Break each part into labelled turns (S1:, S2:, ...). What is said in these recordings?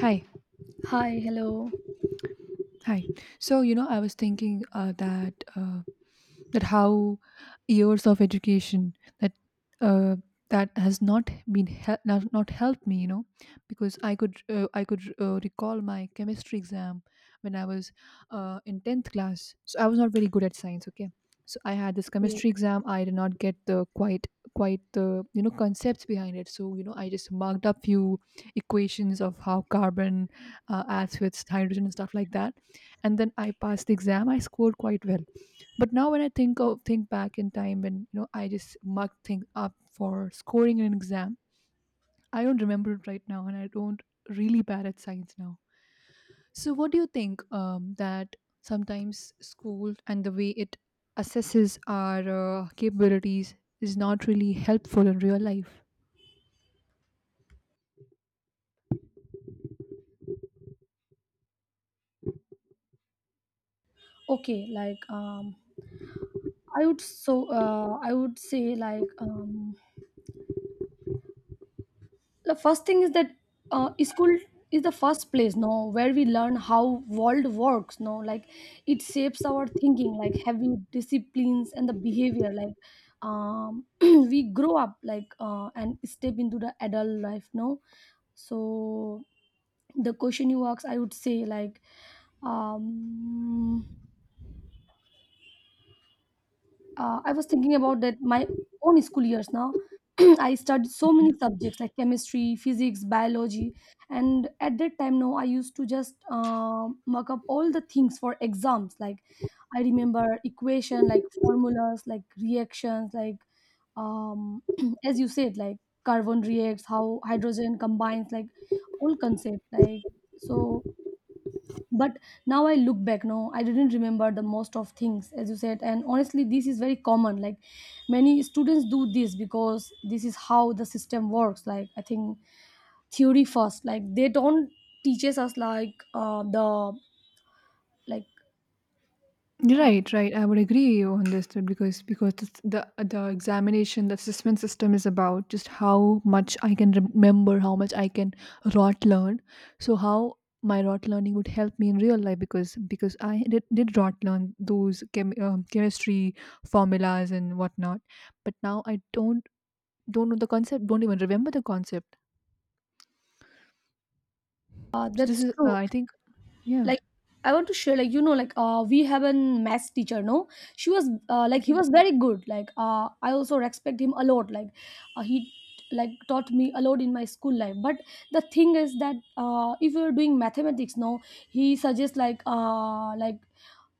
S1: Hi,
S2: Hi, hello.
S1: hi. So, you know, I was thinking that how years of education that uh, that has not been not helped me, you know, because I could I could recall my chemistry exam when I was in 10th class. So I was not very good at science, okay. So I had this chemistry exam. I did not get the quite the, you know, concepts behind it, so you know I just marked up few equations of how carbon adds with hydrogen and stuff like that. And then I passed the exam, I scored quite well. But now when I think back in time, when you know I just mucked things up for scoring in an exam, I don't remember it right now, and I don't really bad at science now. So what do you think, that sometimes school and the way it assesses our capabilities is not really helpful in real life?
S2: Okay, like I would say like the first thing is that school is the first place, no, where we learn how world works, no, like it shapes our thinking, like having disciplines and the behavior, like we grow up like and step into the adult life, no. So the question you ask, I would say like um I was thinking about that my own school years now. I studied so many subjects like chemistry, physics, biology, and at that time, no, I used to just mark up all the things for exams. Like I remember equation, like formulas, like reactions, like um, as you said, like carbon reacts, how hydrogen combines, like all concept, like so but now I look back, no, I didn't remember the most of things as you said, and honestly this is very common, like many students do this because this is how the system works, like I think theory first, like they don't teaches us like the like uh,
S1: Right, right. I would agree on this too, because it's the examination, the assessment system is about just how much I can remember, how much I can rot learn. So how my rot learning would help me in real life, because I did rot learn those chemistry formulas and whatnot, but now I don't know the concept, don't even remember the concept. So this
S2: that's
S1: is,
S2: true.
S1: I think, yeah.
S2: Like I want to share, like you know, like we have an maths teacher, no, she was like he
S1: Okay.
S2: was very good, like I also respect him a lot. Like he like taught me a lot in my school life, but the thing is that if you're doing mathematics, no, he suggests like uh, like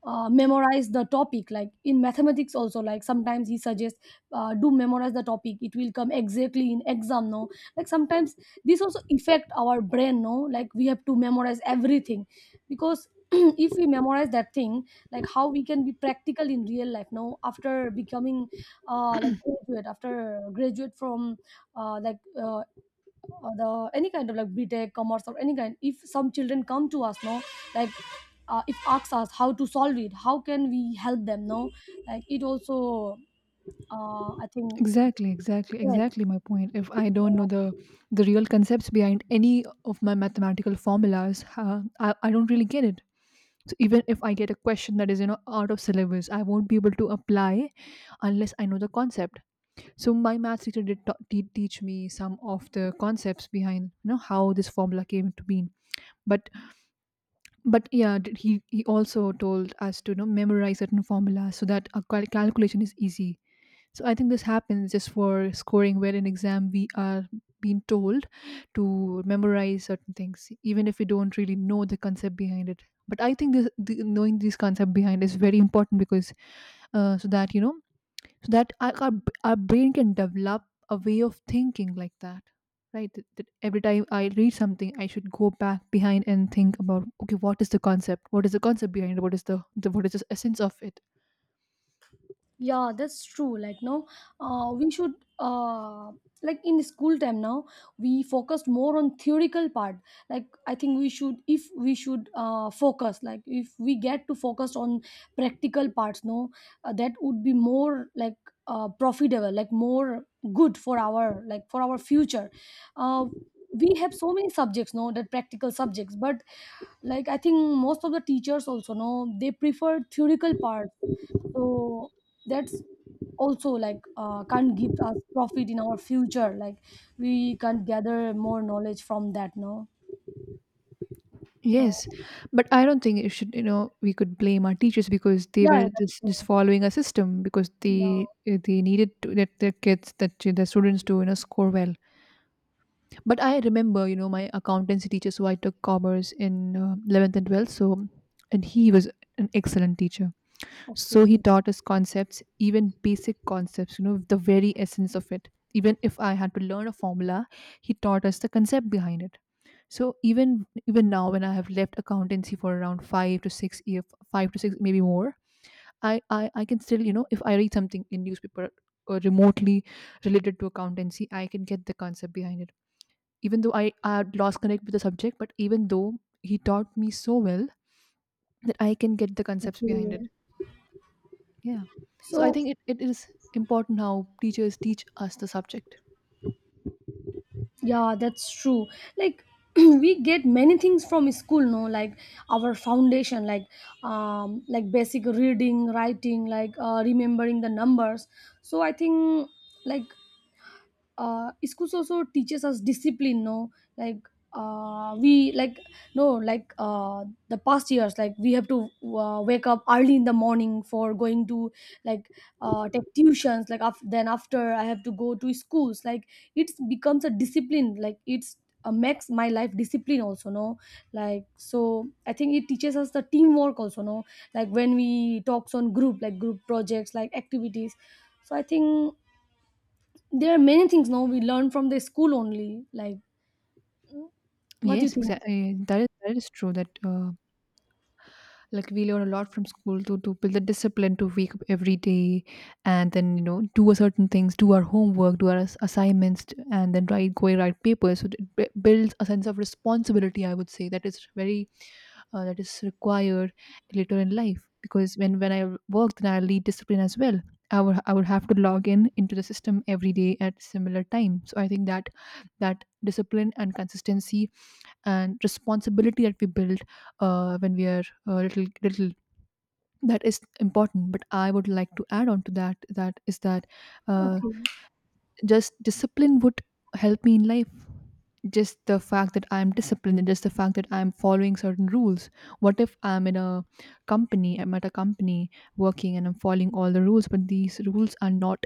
S2: uh, memorize the topic, like in mathematics also, like sometimes he suggests do memorize the topic, it will come exactly in exam, no, like sometimes this also affect our brain, no, like we have to memorize everything because if we memorize that thing, like how we can be practical in real life now after becoming like graduate after graduate from uh, like uh, the any kind of like btech commerce or any kind, if some children come to us now, like if asks us how to solve it, how can we help them, no, like it also I think.
S1: Exactly, exactly,
S2: Yeah,
S1: exactly my point. If I don't know the real concepts behind any of my mathematical formulas, I don't really get it. So even if I get a question that is, you know, out of syllabus, I won't be able to apply unless I know the concept. So my math teacher did teach me some of the concepts behind, you know, how this formula came to be. But yeah, did he also told us to, you know, memorize certain formulas so that our calculation is easy. So I think this happens just for scoring, where in exam we are being told to memorize certain things even if we don't really know the concept behind it. But I think knowing this concept behind is very important because, so that you know, so that our brain can develop a way of thinking like that. Right, that every time I read something I should go back behind and think about, okay, what is the concept, what is the concept behind it, what is the what is the essence of it?
S2: yeah, that's true. Like, no, we should uh, like in school time now, we focused more on theoretical part. Like, I think we should if we should focus, like if we get to focus on practical parts, no, that would be more like profitable, like more good for our like for our future. Uh, we have so many subjects, no, that practical subjects, but like I think most of the teachers also know they prefer theoretical part. So that's also like can't give us profit in our future, like we can't gather more knowledge from that, no. So
S1: Yes, but I don't think it should, you know, we could blame our teachers because they
S2: yeah,
S1: were
S2: that's
S1: just
S2: true.
S1: just following a system, because
S2: Yeah.
S1: they needed to, that their students to, you know, score well. But I remember, you know, my accountancy teacher. So I took commerce in, 11th and 12th. So, and he was an excellent teacher. So he
S2: Okay.
S1: taught us concepts, even basic concepts, you know, the very essence of it. Even if I had to learn a formula, he taught us the concept behind it. So even, even now when I have left accountancy for around 5 to 6 year, 5 to 6 maybe more, i I can still, you know, if I read something in newspaper or remotely related to accountancy, I can get the concept behind it. Even though I had lost connect with the subject, but even though, he taught me so well that I can get the concepts behind it.
S2: Okay.
S1: Yeah. So I
S2: So
S1: think it is important how teachers teach us the subject.
S2: yeah, that's true. Like we get many things from school, no, like our foundation, like basic reading writing, like remembering the numbers. So I think like schools also teaches us discipline, no, like we like no like the past years, like we have to wake up early in the morning for going to like take tuitions, like then after I have to go to schools, like it becomes a discipline, like it's makes my life discipline also, no, like. So I think it teaches us the teamwork also, no, like when we talks on group, like group projects, like activities. So I think there are many things now we learn from the school only. Like, what do you
S1: Yes,
S2: think?
S1: exactly. That is true. That, like we learn a lot from school to build the discipline to wake up every day, and then you know do a certain things, do our homework, do our assignments and then write go and write papers. So it builds a sense of responsibility, I would say, that is very, that is required later in life. Because when I work, then I lead discipline as well. I would, I would have to log in into the system every day at similar time, so I think that, that discipline and consistency and responsibility that we build when we are little, little, that is important. But I would like to add on to that, that is that, uh,
S2: Okay.
S1: just discipline would help me in life. Just the fact that I'm disciplined, and just the fact that I'm following certain rules. What if I'm in a company, I'm at a company working and I'm following all the rules, but these rules are not,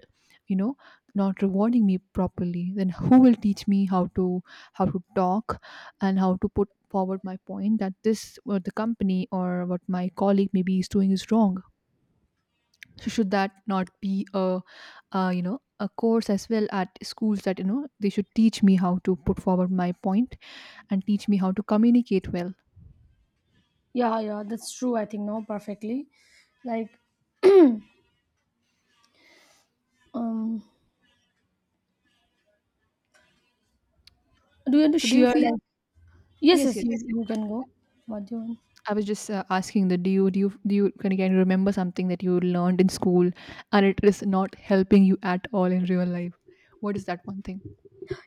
S1: you know, not rewarding me properly. Then who will teach me how to talk and how to put forward my point, that this what the company or what my colleague maybe is doing is wrong? So should that not be a, you know, a course as well at schools, that you know they should teach me how to put forward my point and teach me how to communicate well?
S2: Yeah, yeah, that's true. I think now perfectly. Like, um, do you want to
S1: So do you
S2: share?
S1: feel,
S2: Like, yes,
S1: yes,
S2: yes,
S1: yes,
S2: you can go. What do you want?
S1: I was just asking that, do you can you remember something that you learned in school and it is not helping you at all in real life? What is that one thing,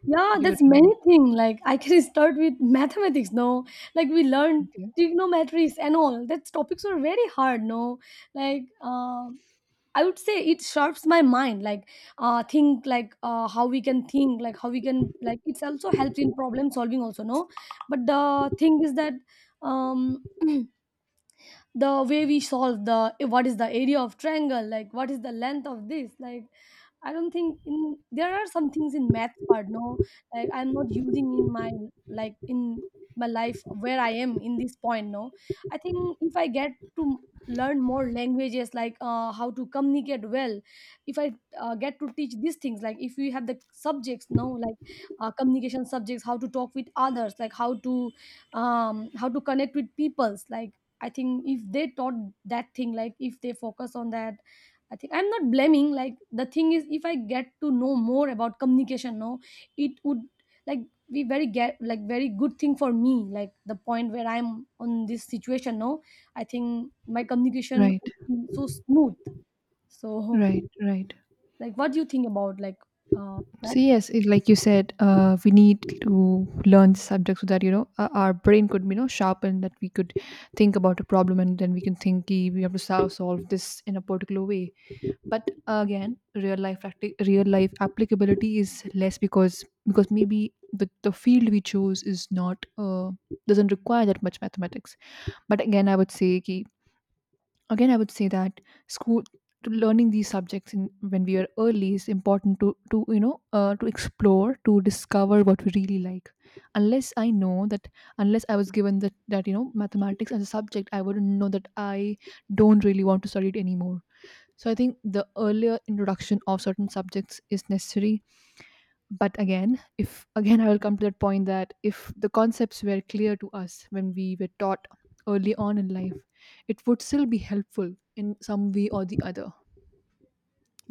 S2: Yeah,
S1: if you could
S2: that's
S1: remember
S2: many things. Like, I can start with mathematics. No, like we learned
S1: something?
S2: trigonometries and all. That topics were very hard. No, like, I would say it sharps my mind, like think like how we can think, like how we can, like it's also helps in problem solving also, no. But the thing is that um, the way we solve the what is the area of triangle, like what is the length of this, like I don't think in there are some things in math part, no, like I'm not using in my like in my life where I am in this point, no. I think if I get to learn more languages, like how to communicate well, if I get to teach these things, like if we have the subjects, no, like communication subjects, how to talk with others, like how to connect with peoples, like I think if they taught that thing, like if they focus on that, I think I'm not blaming, like the thing is if I get to know more about communication, no, it would like be very get like very good thing for me, like the point where I'm on this situation, no, I think my communication
S1: Right,
S2: would be so smooth. So
S1: right, right.
S2: like what do you think about like that.
S1: So yes, it, like you said, we need to learn the subject so that, you know, our brain could, you know, sharpen, that we could think about a problem and then we can think, "Ki, we have to solve this in a particular way. But again, real life real life applicability is less, because maybe the field we chose is not, doesn't require that much mathematics. But again, I would say that, again i would say that school, to learning these subjects in, when we are early, is important to, you know, to explore, to discover what we really like. Unless I know that, unless I was given that, you know, mathematics as a subject, I wouldn't know that I don't really want to study it anymore. So I think the earlier introduction of certain subjects is necessary. But again, if again I will come to that point that if the concepts were clear to us when we were taught early on in life, it would still be helpful in some way or the other,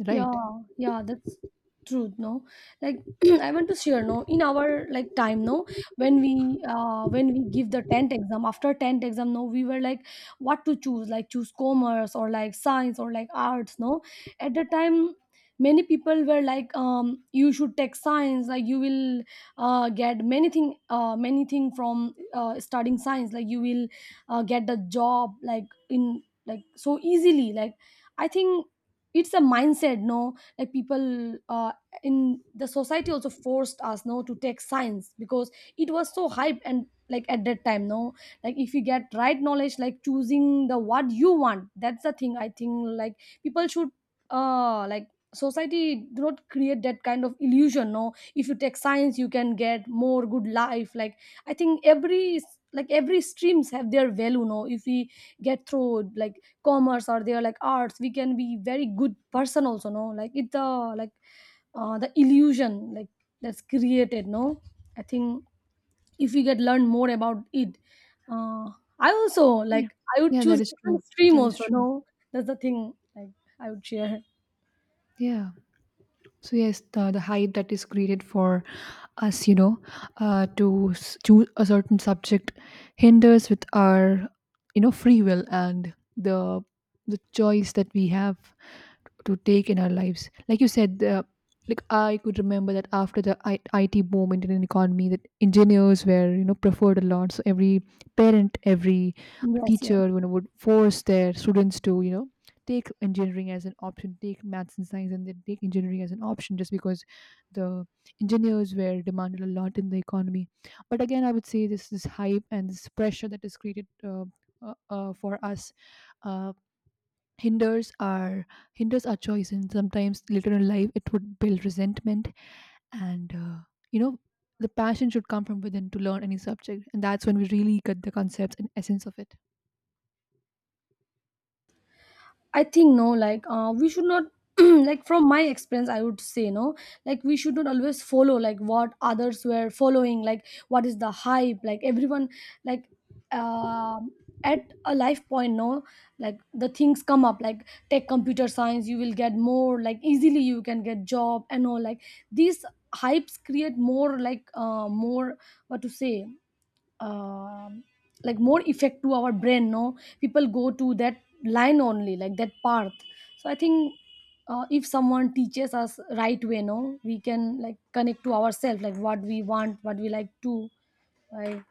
S1: right?
S2: Yeah, yeah, that's true, no? Like I want to share, no, in our like time, no, when we give the 10th exam, after 10th exam, no, we were like what to choose, like choose commerce or like science or like arts, no? At the time many people were like you should take science, like you will get many thing from studying science, like you will get the job like in like so easily, like I think it's a mindset, no, like people in the society also forced us, no, to take science because it was so hype and like at that time, no, like if you get right knowledge, like choosing the what you want, that's the thing I think. Like people should like society do not create that kind of illusion, no, if you take science you can get more good life, like. I think every like every streams have their value. No, if we get through like commerce or their like arts, we can be very good person also. No, like it's the like the illusion like that's created. No, I think if we get learn more about it, uh, I also
S1: Yeah,
S2: like I would
S1: yeah, that
S2: choose
S1: is true,
S2: different stream
S1: that is
S2: also.
S1: true.
S2: No, that's the thing. Like I would share.
S1: Yeah. So yes, the hype that is created for us, you know, to choose a certain subject, hinders with our, you know, free will and the choice that we have to take in our lives. Like you said, like I could remember that after the IT boom, Indian economy, that engineers were, you know, preferred a lot. So every parent, every
S2: Yes, yes.
S1: teacher, you know, would force their students to, you know, take engineering as an option, take maths and science, and then take engineering as an option, just because the engineers were demanded a lot in the economy. But again, I would say this, this hype and this pressure that is created, for us, uh, hinders our, hinders our choice, and sometimes later in life it would build resentment. And you know, the passion should come from within to learn any subject, and that's when we really get the concepts and essence of it.
S2: I think no, like we should not like from my experience I would say no, like we should not always follow like what others were following, like what is the hype, like everyone like um at a life point, no, like the things come up, like take computer science you will get more, like easily you can get job and all, like these hypes create more like more what to say um like more effect to our brain, no, people go to that line only, like that path. So I think if someone teaches us right way, no, we can like connect to ourselves, like what we want, what we like to like.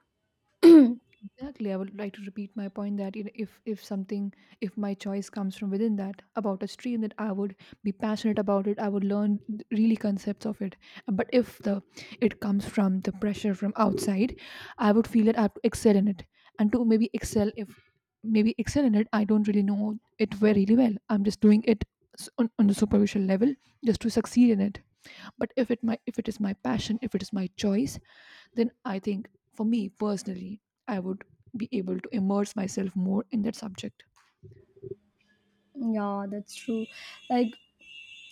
S1: Exactly. I would like to repeat my point that, you know, if something, if my choice comes from within, that about a stream that I would be passionate about it, I would learn really concepts of it. But if the it comes from the pressure from outside, I would feel that I have to excel in it. And to maybe excel, if maybe excel in it, I don't really know it very really well. I'm just doing it on the superficial level just to succeed in it. But if it my, if it is my passion, if it is my choice, then I think, for me personally, I would be able to immerse myself more in that subject.
S2: Yeah, that's true. Like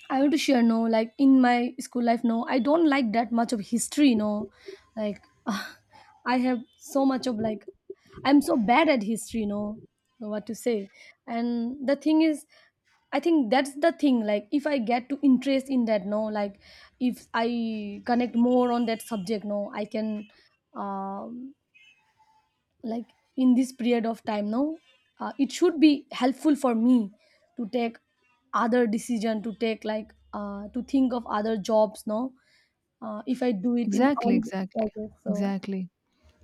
S2: I want to share, no, like in my school life, no, I don't like that much of history, no, like I have so much of like I'm so bad at history, no, what to say. And the thing is, I think that's the thing, like if I get to interest in that, no, like if I connect more on that subject, no, I can um like in this period of time now, it should be helpful for me to take other decision, to take like to think of other jobs now. If I do it in
S1: Exactly,
S2: all
S1: exactly,
S2: projects so
S1: exactly.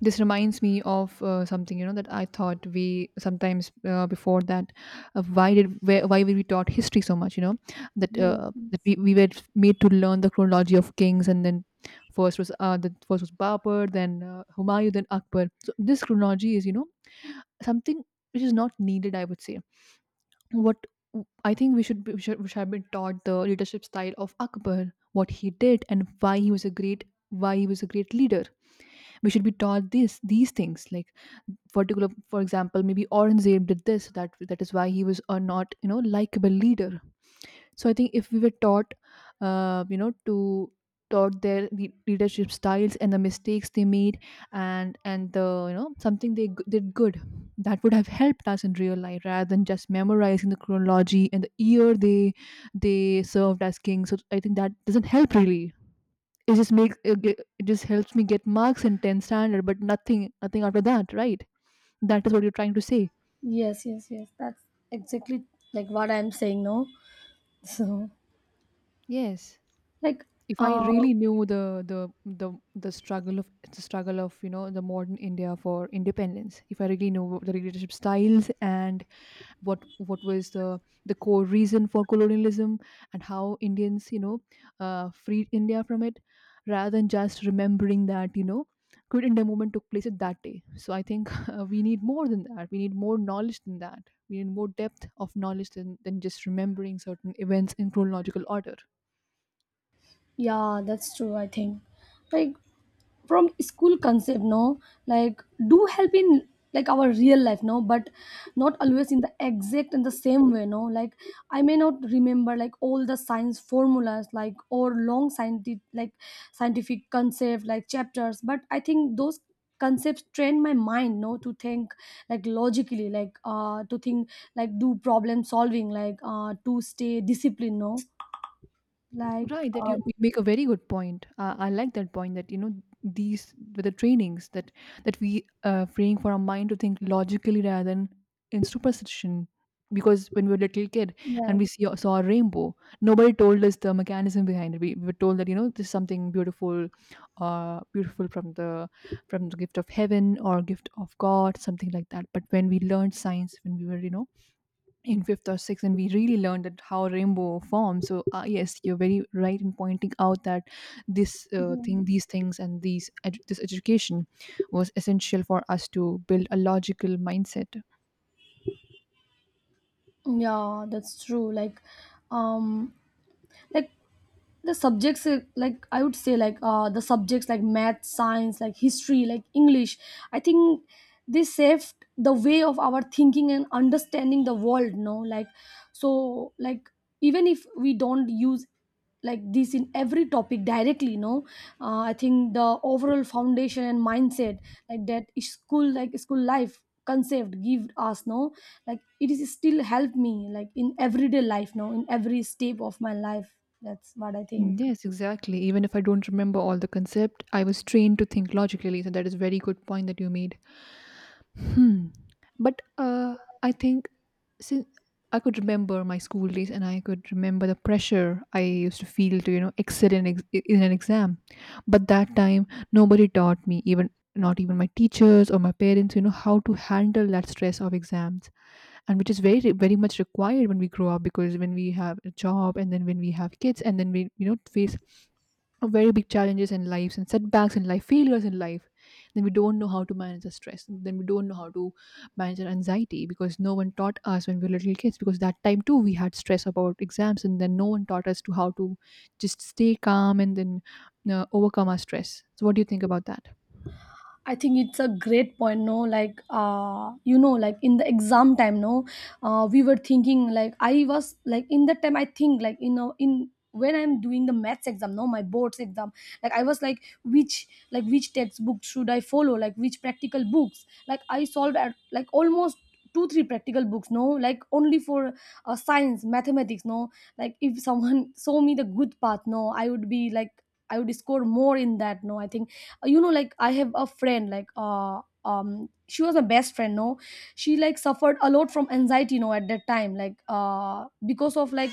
S1: This reminds me of something you know that I thought we sometimes before that why were we taught history so much, you know, that
S2: yeah.
S1: we were made to learn the chronology of kings. And then first was the first was Babur, then Humayun, then Akbar. So this chronology is, you know, something which is not needed, I would say. What I think, we should, be, we should have been taught the leadership style of Akbar, what he did, and why he was a great leader. We should be taught this these things, like particular, for example, maybe Aurangzeb did this, that is why he was a not, you know, likable leader. So I think if we were taught to taught their leadership styles and the mistakes they made, and the, you know, something they did good, that would have helped us in real life rather than just memorizing the chronology and the year they served as king. So I think that doesn't help really. It just makes it ge- it just helps me get marks in 10th standard, but nothing after that, right? That is what you're trying to say.
S2: Yes, yes, yes, that's exactly like what I'm saying now. So
S1: Yes,
S2: like
S1: if I
S2: uh,
S1: really knew the the struggle of the struggle of, you know, the modern India for independence, if I really knew what the leadership styles and what was the core reason for colonialism and how Indians, you know, freed India from it, rather than just remembering that, you know, Quit India movement took place at that day. So I think we need more than that. We need more knowledge than that. We need more depth of knowledge than just remembering certain events in chronological order.
S2: Yeah, that's true, I think. Like from school concept, no? Like do help in like our real life, no, but not always in the exact and the same way, no. Like I may not remember like all the science formulas, like or long scientific like scientific concept, like chapters, but I think those concepts train my mind, no, to think like logically, like to think like do problem solving, like to stay disciplined, no, like
S1: Right, that
S2: um,
S1: you make a very good point. I like that point that, you know, these with the trainings that we praying for our mind to think logically rather than in superstition. Because when we were little kid
S2: yeah.
S1: and we saw a rainbow, nobody told us the mechanism behind it. We were told that, you know, this is something beautiful, beautiful from the gift of heaven or gift of God, something like that. But when we learned science, when we were, you know, in fifth or sixth and we really learned that how rainbow forms. So yes, you're very right in pointing out that this
S2: Yeah,
S1: thing these things and this education was essential for us to build a logical mindset.
S2: yeah, that's true. Um, like the subjects, like I would say, like the subjects like math, science, like history, like English. I think they saved the way of our thinking and understanding the world. No, like so, like even if we don't use like this in every topic directly, no, I think the overall foundation and mindset, like that is school, like school life concept give us, no, like it is still help me like in everyday life now in every step of my life. That's what I think.
S1: Mm, yes, exactly, even if I don't remember all the concept, I was trained to think logically, so that is very good point that you made. Hmm. But I think since I could remember my school days and I could remember the pressure I used to feel to, you know, excel in, in an exam. But that time, nobody taught me, even not even my teachers or my parents, you know, how to handle that stress of exams. And which is very, very much required when we grow up, because when we have a job and then when we have kids and then we, you know, face of very big challenges in lives and setbacks in life, failures in life, then we don't know how to manage the stress. Then we don't know how to manage our anxiety, because no one taught us when we were little kids. Because that time too, we had stress about exams, and then no one taught us to how to just stay calm and then overcome our stress. So, what do you think about that?
S2: I think it's a great point, no? Like, like in the exam time, no, we were thinking like I was like in that time I think like you know in when I'm doing the maths exam, no, my boards exam, like I was like which textbook should I follow, like which practical books, like I solved at like almost 2-3 practical books, no, like only for science, mathematics, no, like if someone saw me the good path, no, I would be like I would score more in that, no, I think like I have a friend like she was my best friend, no, she like suffered a lot from anxiety, at that time, like because of like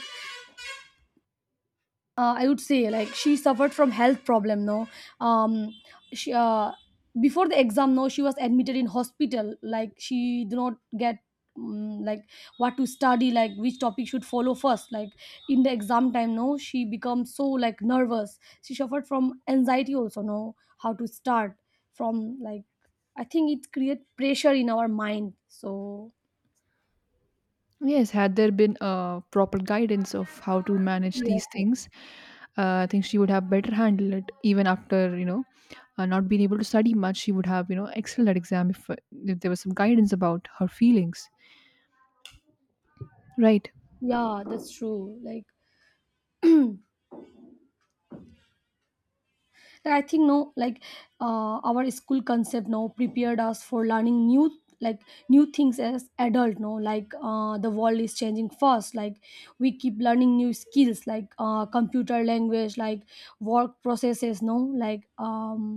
S2: I would say like she suffered from health problem. No, um, she before the exam, no, she was admitted in hospital. Like she did not get like what to study, like which topic should follow first. Like in the exam time, no, she becomes so like nervous. She suffered from anxiety also. No, how to start from like I think it create pressure in our mind. So
S1: Yes, had there been a proper guidance of how to manage
S2: yes,
S1: these
S2: yes.
S1: things, I think she would have better handled it. Even after, you know, not being able to study much, she would have, you know, excelled at exam if there was some guidance about her feelings. Right.
S2: Yeah, that's true. Like I think, no, like our school concept now prepared us for learning new like new things as adult, no, like the world is changing fast, like we keep learning new skills like computer language, like work processes, no, like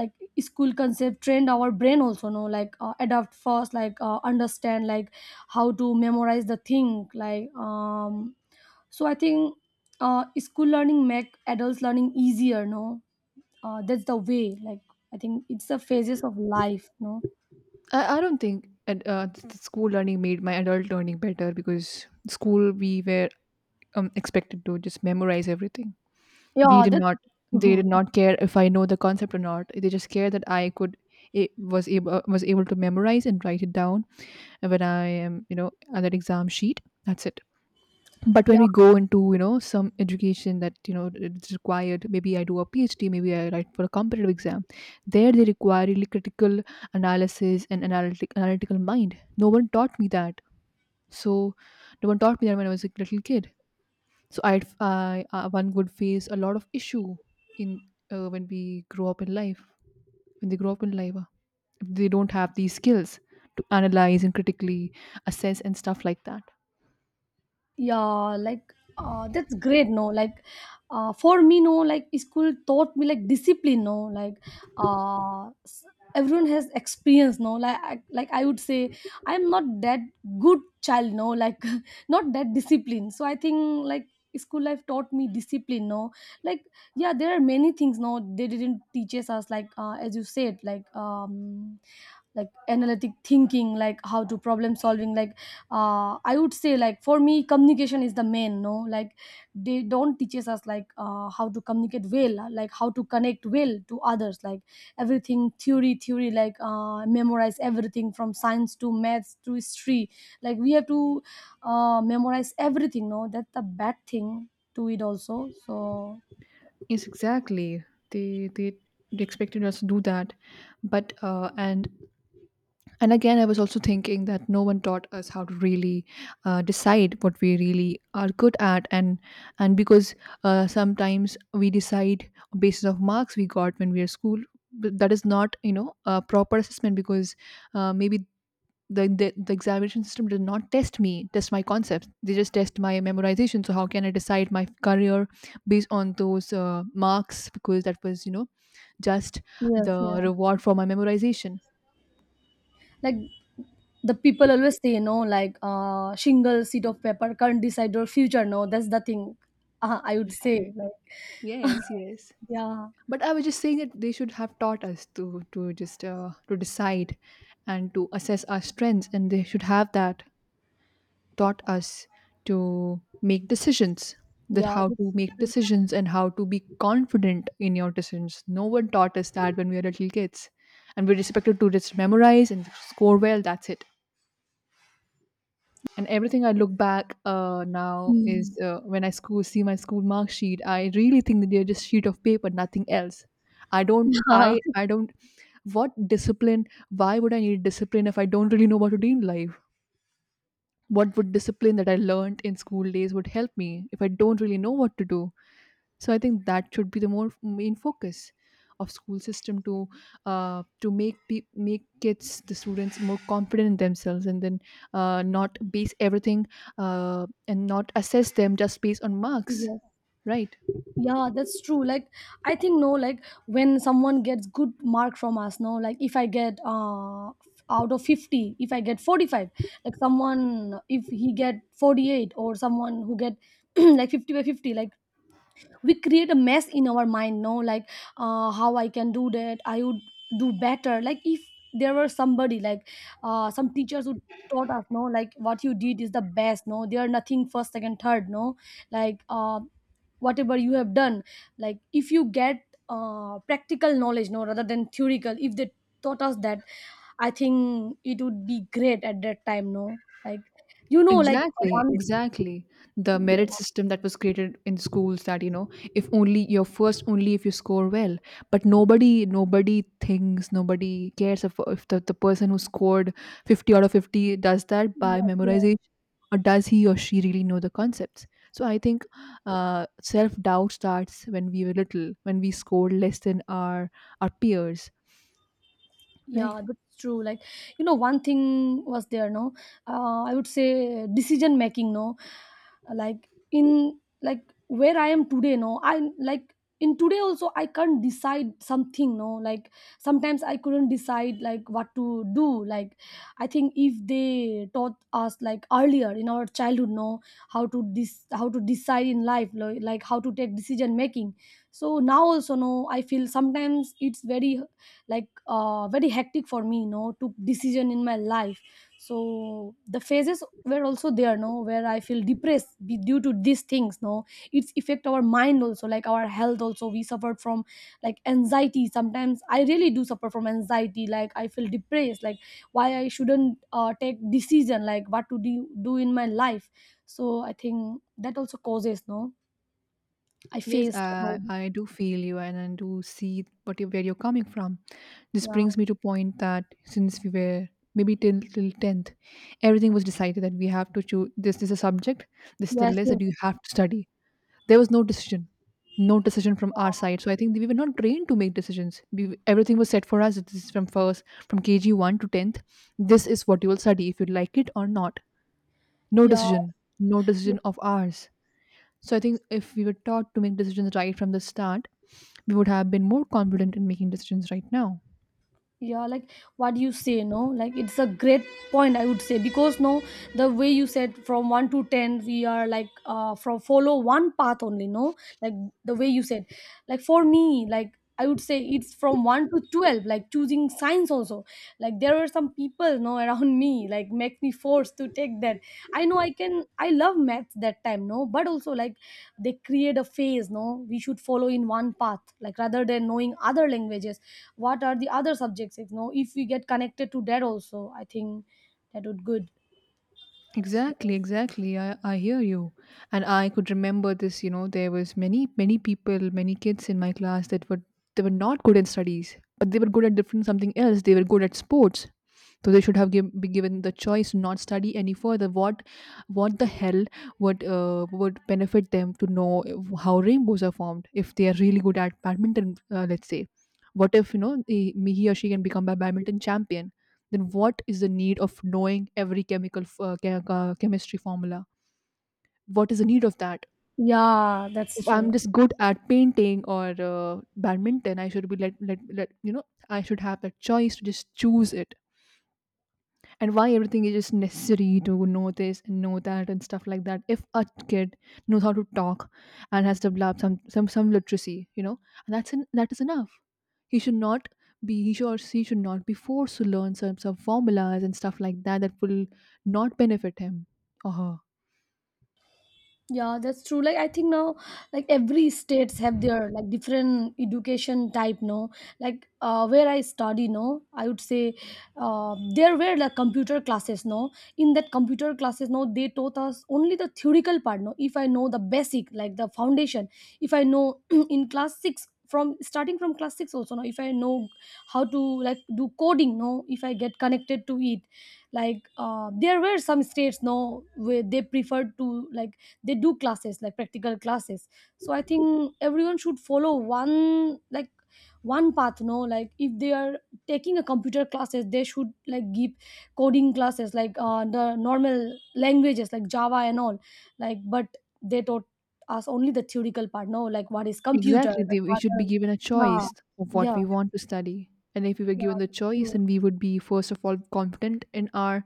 S2: like school concept trained our brain also, no, like adapt fast, like understand like how to memorize the thing, like so I think school learning make adults learning easier, no, that's the way. Like I think it's the phases of life, no.
S1: I don't think school learning made my adult learning better, because school we were expected to just memorize everything. We
S2: Yeah,
S1: did
S2: that's
S1: not. They did not care if I know the concept or not. They just care that I could it was able to memorize and write it down when I am, you know, at that exam sheet. That's it. But when
S2: yeah
S1: we go into, you know, some education that, you know, it's required, maybe I do a PhD, maybe I write for a competitive exam, there they require really critical analysis and analytical mind. No one taught me that. So, no one taught me that when I was a little kid. So, one would face a lot of issue in when we grow up in life, when they grow up in life, if they don't have these skills to analyze and critically assess and stuff like that.
S2: yeah. Like that's great, no. Like for me, no, like school taught me like discipline, no. Like uh s- everyone has experience, no. Like I would say I'm not that good child, no, like not that disciplined. So I think like school life taught me discipline, no, like yeah there are many things, no, they didn't teaches us like, as you said, like analytic thinking, like how to problem solving, like I would say like for me communication is the main, no. Like they don't teaches us like how to communicate well, like how to connect well to others, like everything theory theory, like memorize everything from science to maths to history, like we have to memorize everything, no, that's a bad thing to it also so.
S1: Yes, exactly. They they they expected us to do that, but and again, I was also thinking that no one taught us how to really decide what we really are good at, and because sometimes we decide on basis of marks we got when we are school. But that is not, you know, a proper assessment, because maybe the examination system did not test my concepts, they just test my memorization. So how can I decide my career based on those marks, because that was, you know, just
S2: Yes,
S1: the
S2: yes.
S1: reward for my memorization.
S2: Like the people always say, no, like single sheet of paper can't decide your future, no, that's the thing, I would say
S1: Right.
S2: like.
S1: Yes, yes.
S2: Yeah,
S1: But I was just saying that they should have taught us to just to decide and to assess our strengths, and they should have that taught us to make decisions, that
S2: yeah,
S1: how to
S2: that's
S1: make
S2: true.
S1: decisions and how to be confident in your decisions. No one taught us that when we were little kids, and we're expected to just memorize and score well, that's it. And everything I look back now is
S2: Mm.
S1: when I school see my school mark sheet, I really think that they're just sheet of paper, nothing else. i don't i i don't, what discipline, why would I need discipline if I don't really know what to do in life, what would discipline that I learned in school days would help me if I don't really know what to do. So I think that should be the more main focus of school system to make kids the students more confident in themselves, and then not base everything and not assess them just based on marks,
S2: Yeah, yes,
S1: right?
S2: yeah, that's true. Like, I think, no, like when someone gets good mark from us, no, like if I get out of 50, if I get 45, like someone if he get 48, or someone who get like 50 by 50, like we create a mess in our mind, no, like how I can do that, I would do better. Like if there were somebody like some teachers who taught us, no, like what you did is the best, no, there are nothing first second third, no, like whatever you have done, like if you get practical knowledge, no, rather than theoretical, if they taught us that, I think it would be great at that time, no, like you know like
S1: Exactly,
S2: one
S1: exactly. The merit system that was created in schools, that, you know, if only you're first, only if you score well. But nobody thinks, nobody cares if, the person who scored 50 out of 50 does that by
S2: yes, yes.
S1: memorization, or does he or she really know the concepts. So I think self doubt starts when we were little, when we scored less than our peers, right?
S2: Yeah, that's true. Like, you know, one thing was there, no? I would say decision making, no? Like, where I am today, no? In today also, I can't decide something, no? Like, sometimes I couldn't decide, like, what to do. Like, I think if they taught us, like, earlier in our childhood, no? How to how to decide in life, like, how to take decision making. So now also, no? I feel sometimes it's very like very hectic for me, you know, to decision in my life. So the phases were also there, no, where I feel depressed due to these things, no, it's affect our mind also, like our health also we suffered from like anxiety. Sometimes I really do suffer from anxiety, like I feel depressed like why I shouldn't take decision like what to do in my life. So I think that also causes, no, I
S1: Yes,
S2: faced
S1: I do feel you and I do see what you, where you're coming from. This brings me
S2: yeah
S1: to point that since we were maybe till tenth, everything was decided that we have to choose this, this is a subject, this is the
S2: yes
S1: list that
S2: yes
S1: you have to study. There was no decision, no decision from our side. So I think we were not trained to make decisions. We, everything was set for us. This is from first, from KG one to tenth. This is what you will study if you like it or not. No
S2: yeah,
S1: decision, no
S2: yeah
S1: decision of ours. So I think if we were taught to make decisions right from the start, we would have been more confident in making decisions right now.
S2: yeah. Like what you say, no, like it's a great point, I would say, because no the way you said from 1 to 10 we are like from follow one path only, no, like the way you said like for me like I would say it's from 1 to 12 like choosing science also, like there were some people, no, around me, like make me forced to take that. I know, i can, I love math that time, no, but also like they create a phase, no, we should follow in one path like rather than knowing other languages, what are the other subjects, you know, if we get connected to that also, I think that would good.
S1: Exactly, exactly. I hear you. And I could remember this, you know, there was many, many people, many kids in my class that were, they were not good at studies, but they were good at different something else. They were good at sports. So they should have be given the choice to not study any further. What the hell would benefit them to know how rainbows are formed if they are really good at badminton? Let's say, what if, you know, he or she can become a badminton champion? Then what is the need of knowing every chemistry formula, what is the need of that
S2: Yeah, that's
S1: if I'm
S2: true.
S1: just good at painting or badminton? I should be let, you know, I should have that choice to just choose it. And why everything is just necessary to know this and know that and stuff like that, if a kid knows how to talk and has developed some literacy, you know, and that is enough. He should not be, he should or she should not be forced to learn some formulas and stuff like that that will not benefit him or her.
S2: Yeah, that's true. Like I think now, like every states have their like different education type. No, like where I study, no, I would say there were like computer classes. No, in that computer classes, no, they taught us only the theoretical part. No, if I know the basic, like the foundation, if I know in class six, from starting from class six also, no, if I know how to like do coding, no, if I get connected to it, like there were some states, no, where they preferred to like they do classes like practical classes. So I think everyone should follow one like one path, no, like if they are taking a computer classes, they should like give coding classes, like the normal languages like java and all, like but they taught us only the theoretical part, no, like what is computer,
S1: Exactly. They,
S2: like
S1: we
S2: what
S1: should be
S2: are,
S1: given a choice of
S2: yeah
S1: what
S2: yeah
S1: we want to study. And if we were
S2: yeah
S1: given the
S2: that's
S1: choice,
S2: true
S1: then we would be, first of all, confident in our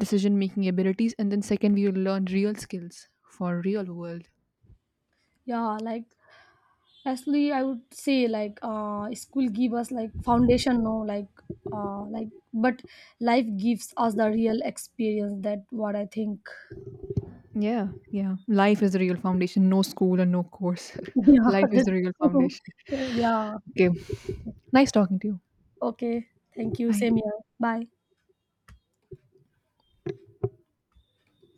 S1: decision making abilities. And then, second, we will learn real skills for real world.
S2: yeah. Like actually, I would say like school give us like foundation, no, like but life gives us the real experience. That what I think.
S1: Yeah, yeah. Life is the real foundation. No school and no course.
S2: Yeah,
S1: Life is
S2: that's
S1: the real
S2: true.
S1: foundation.
S2: Yeah.
S1: Okay. Nice talking to you.
S2: Okay. Thank you.
S1: Bye.
S2: Same here. Bye.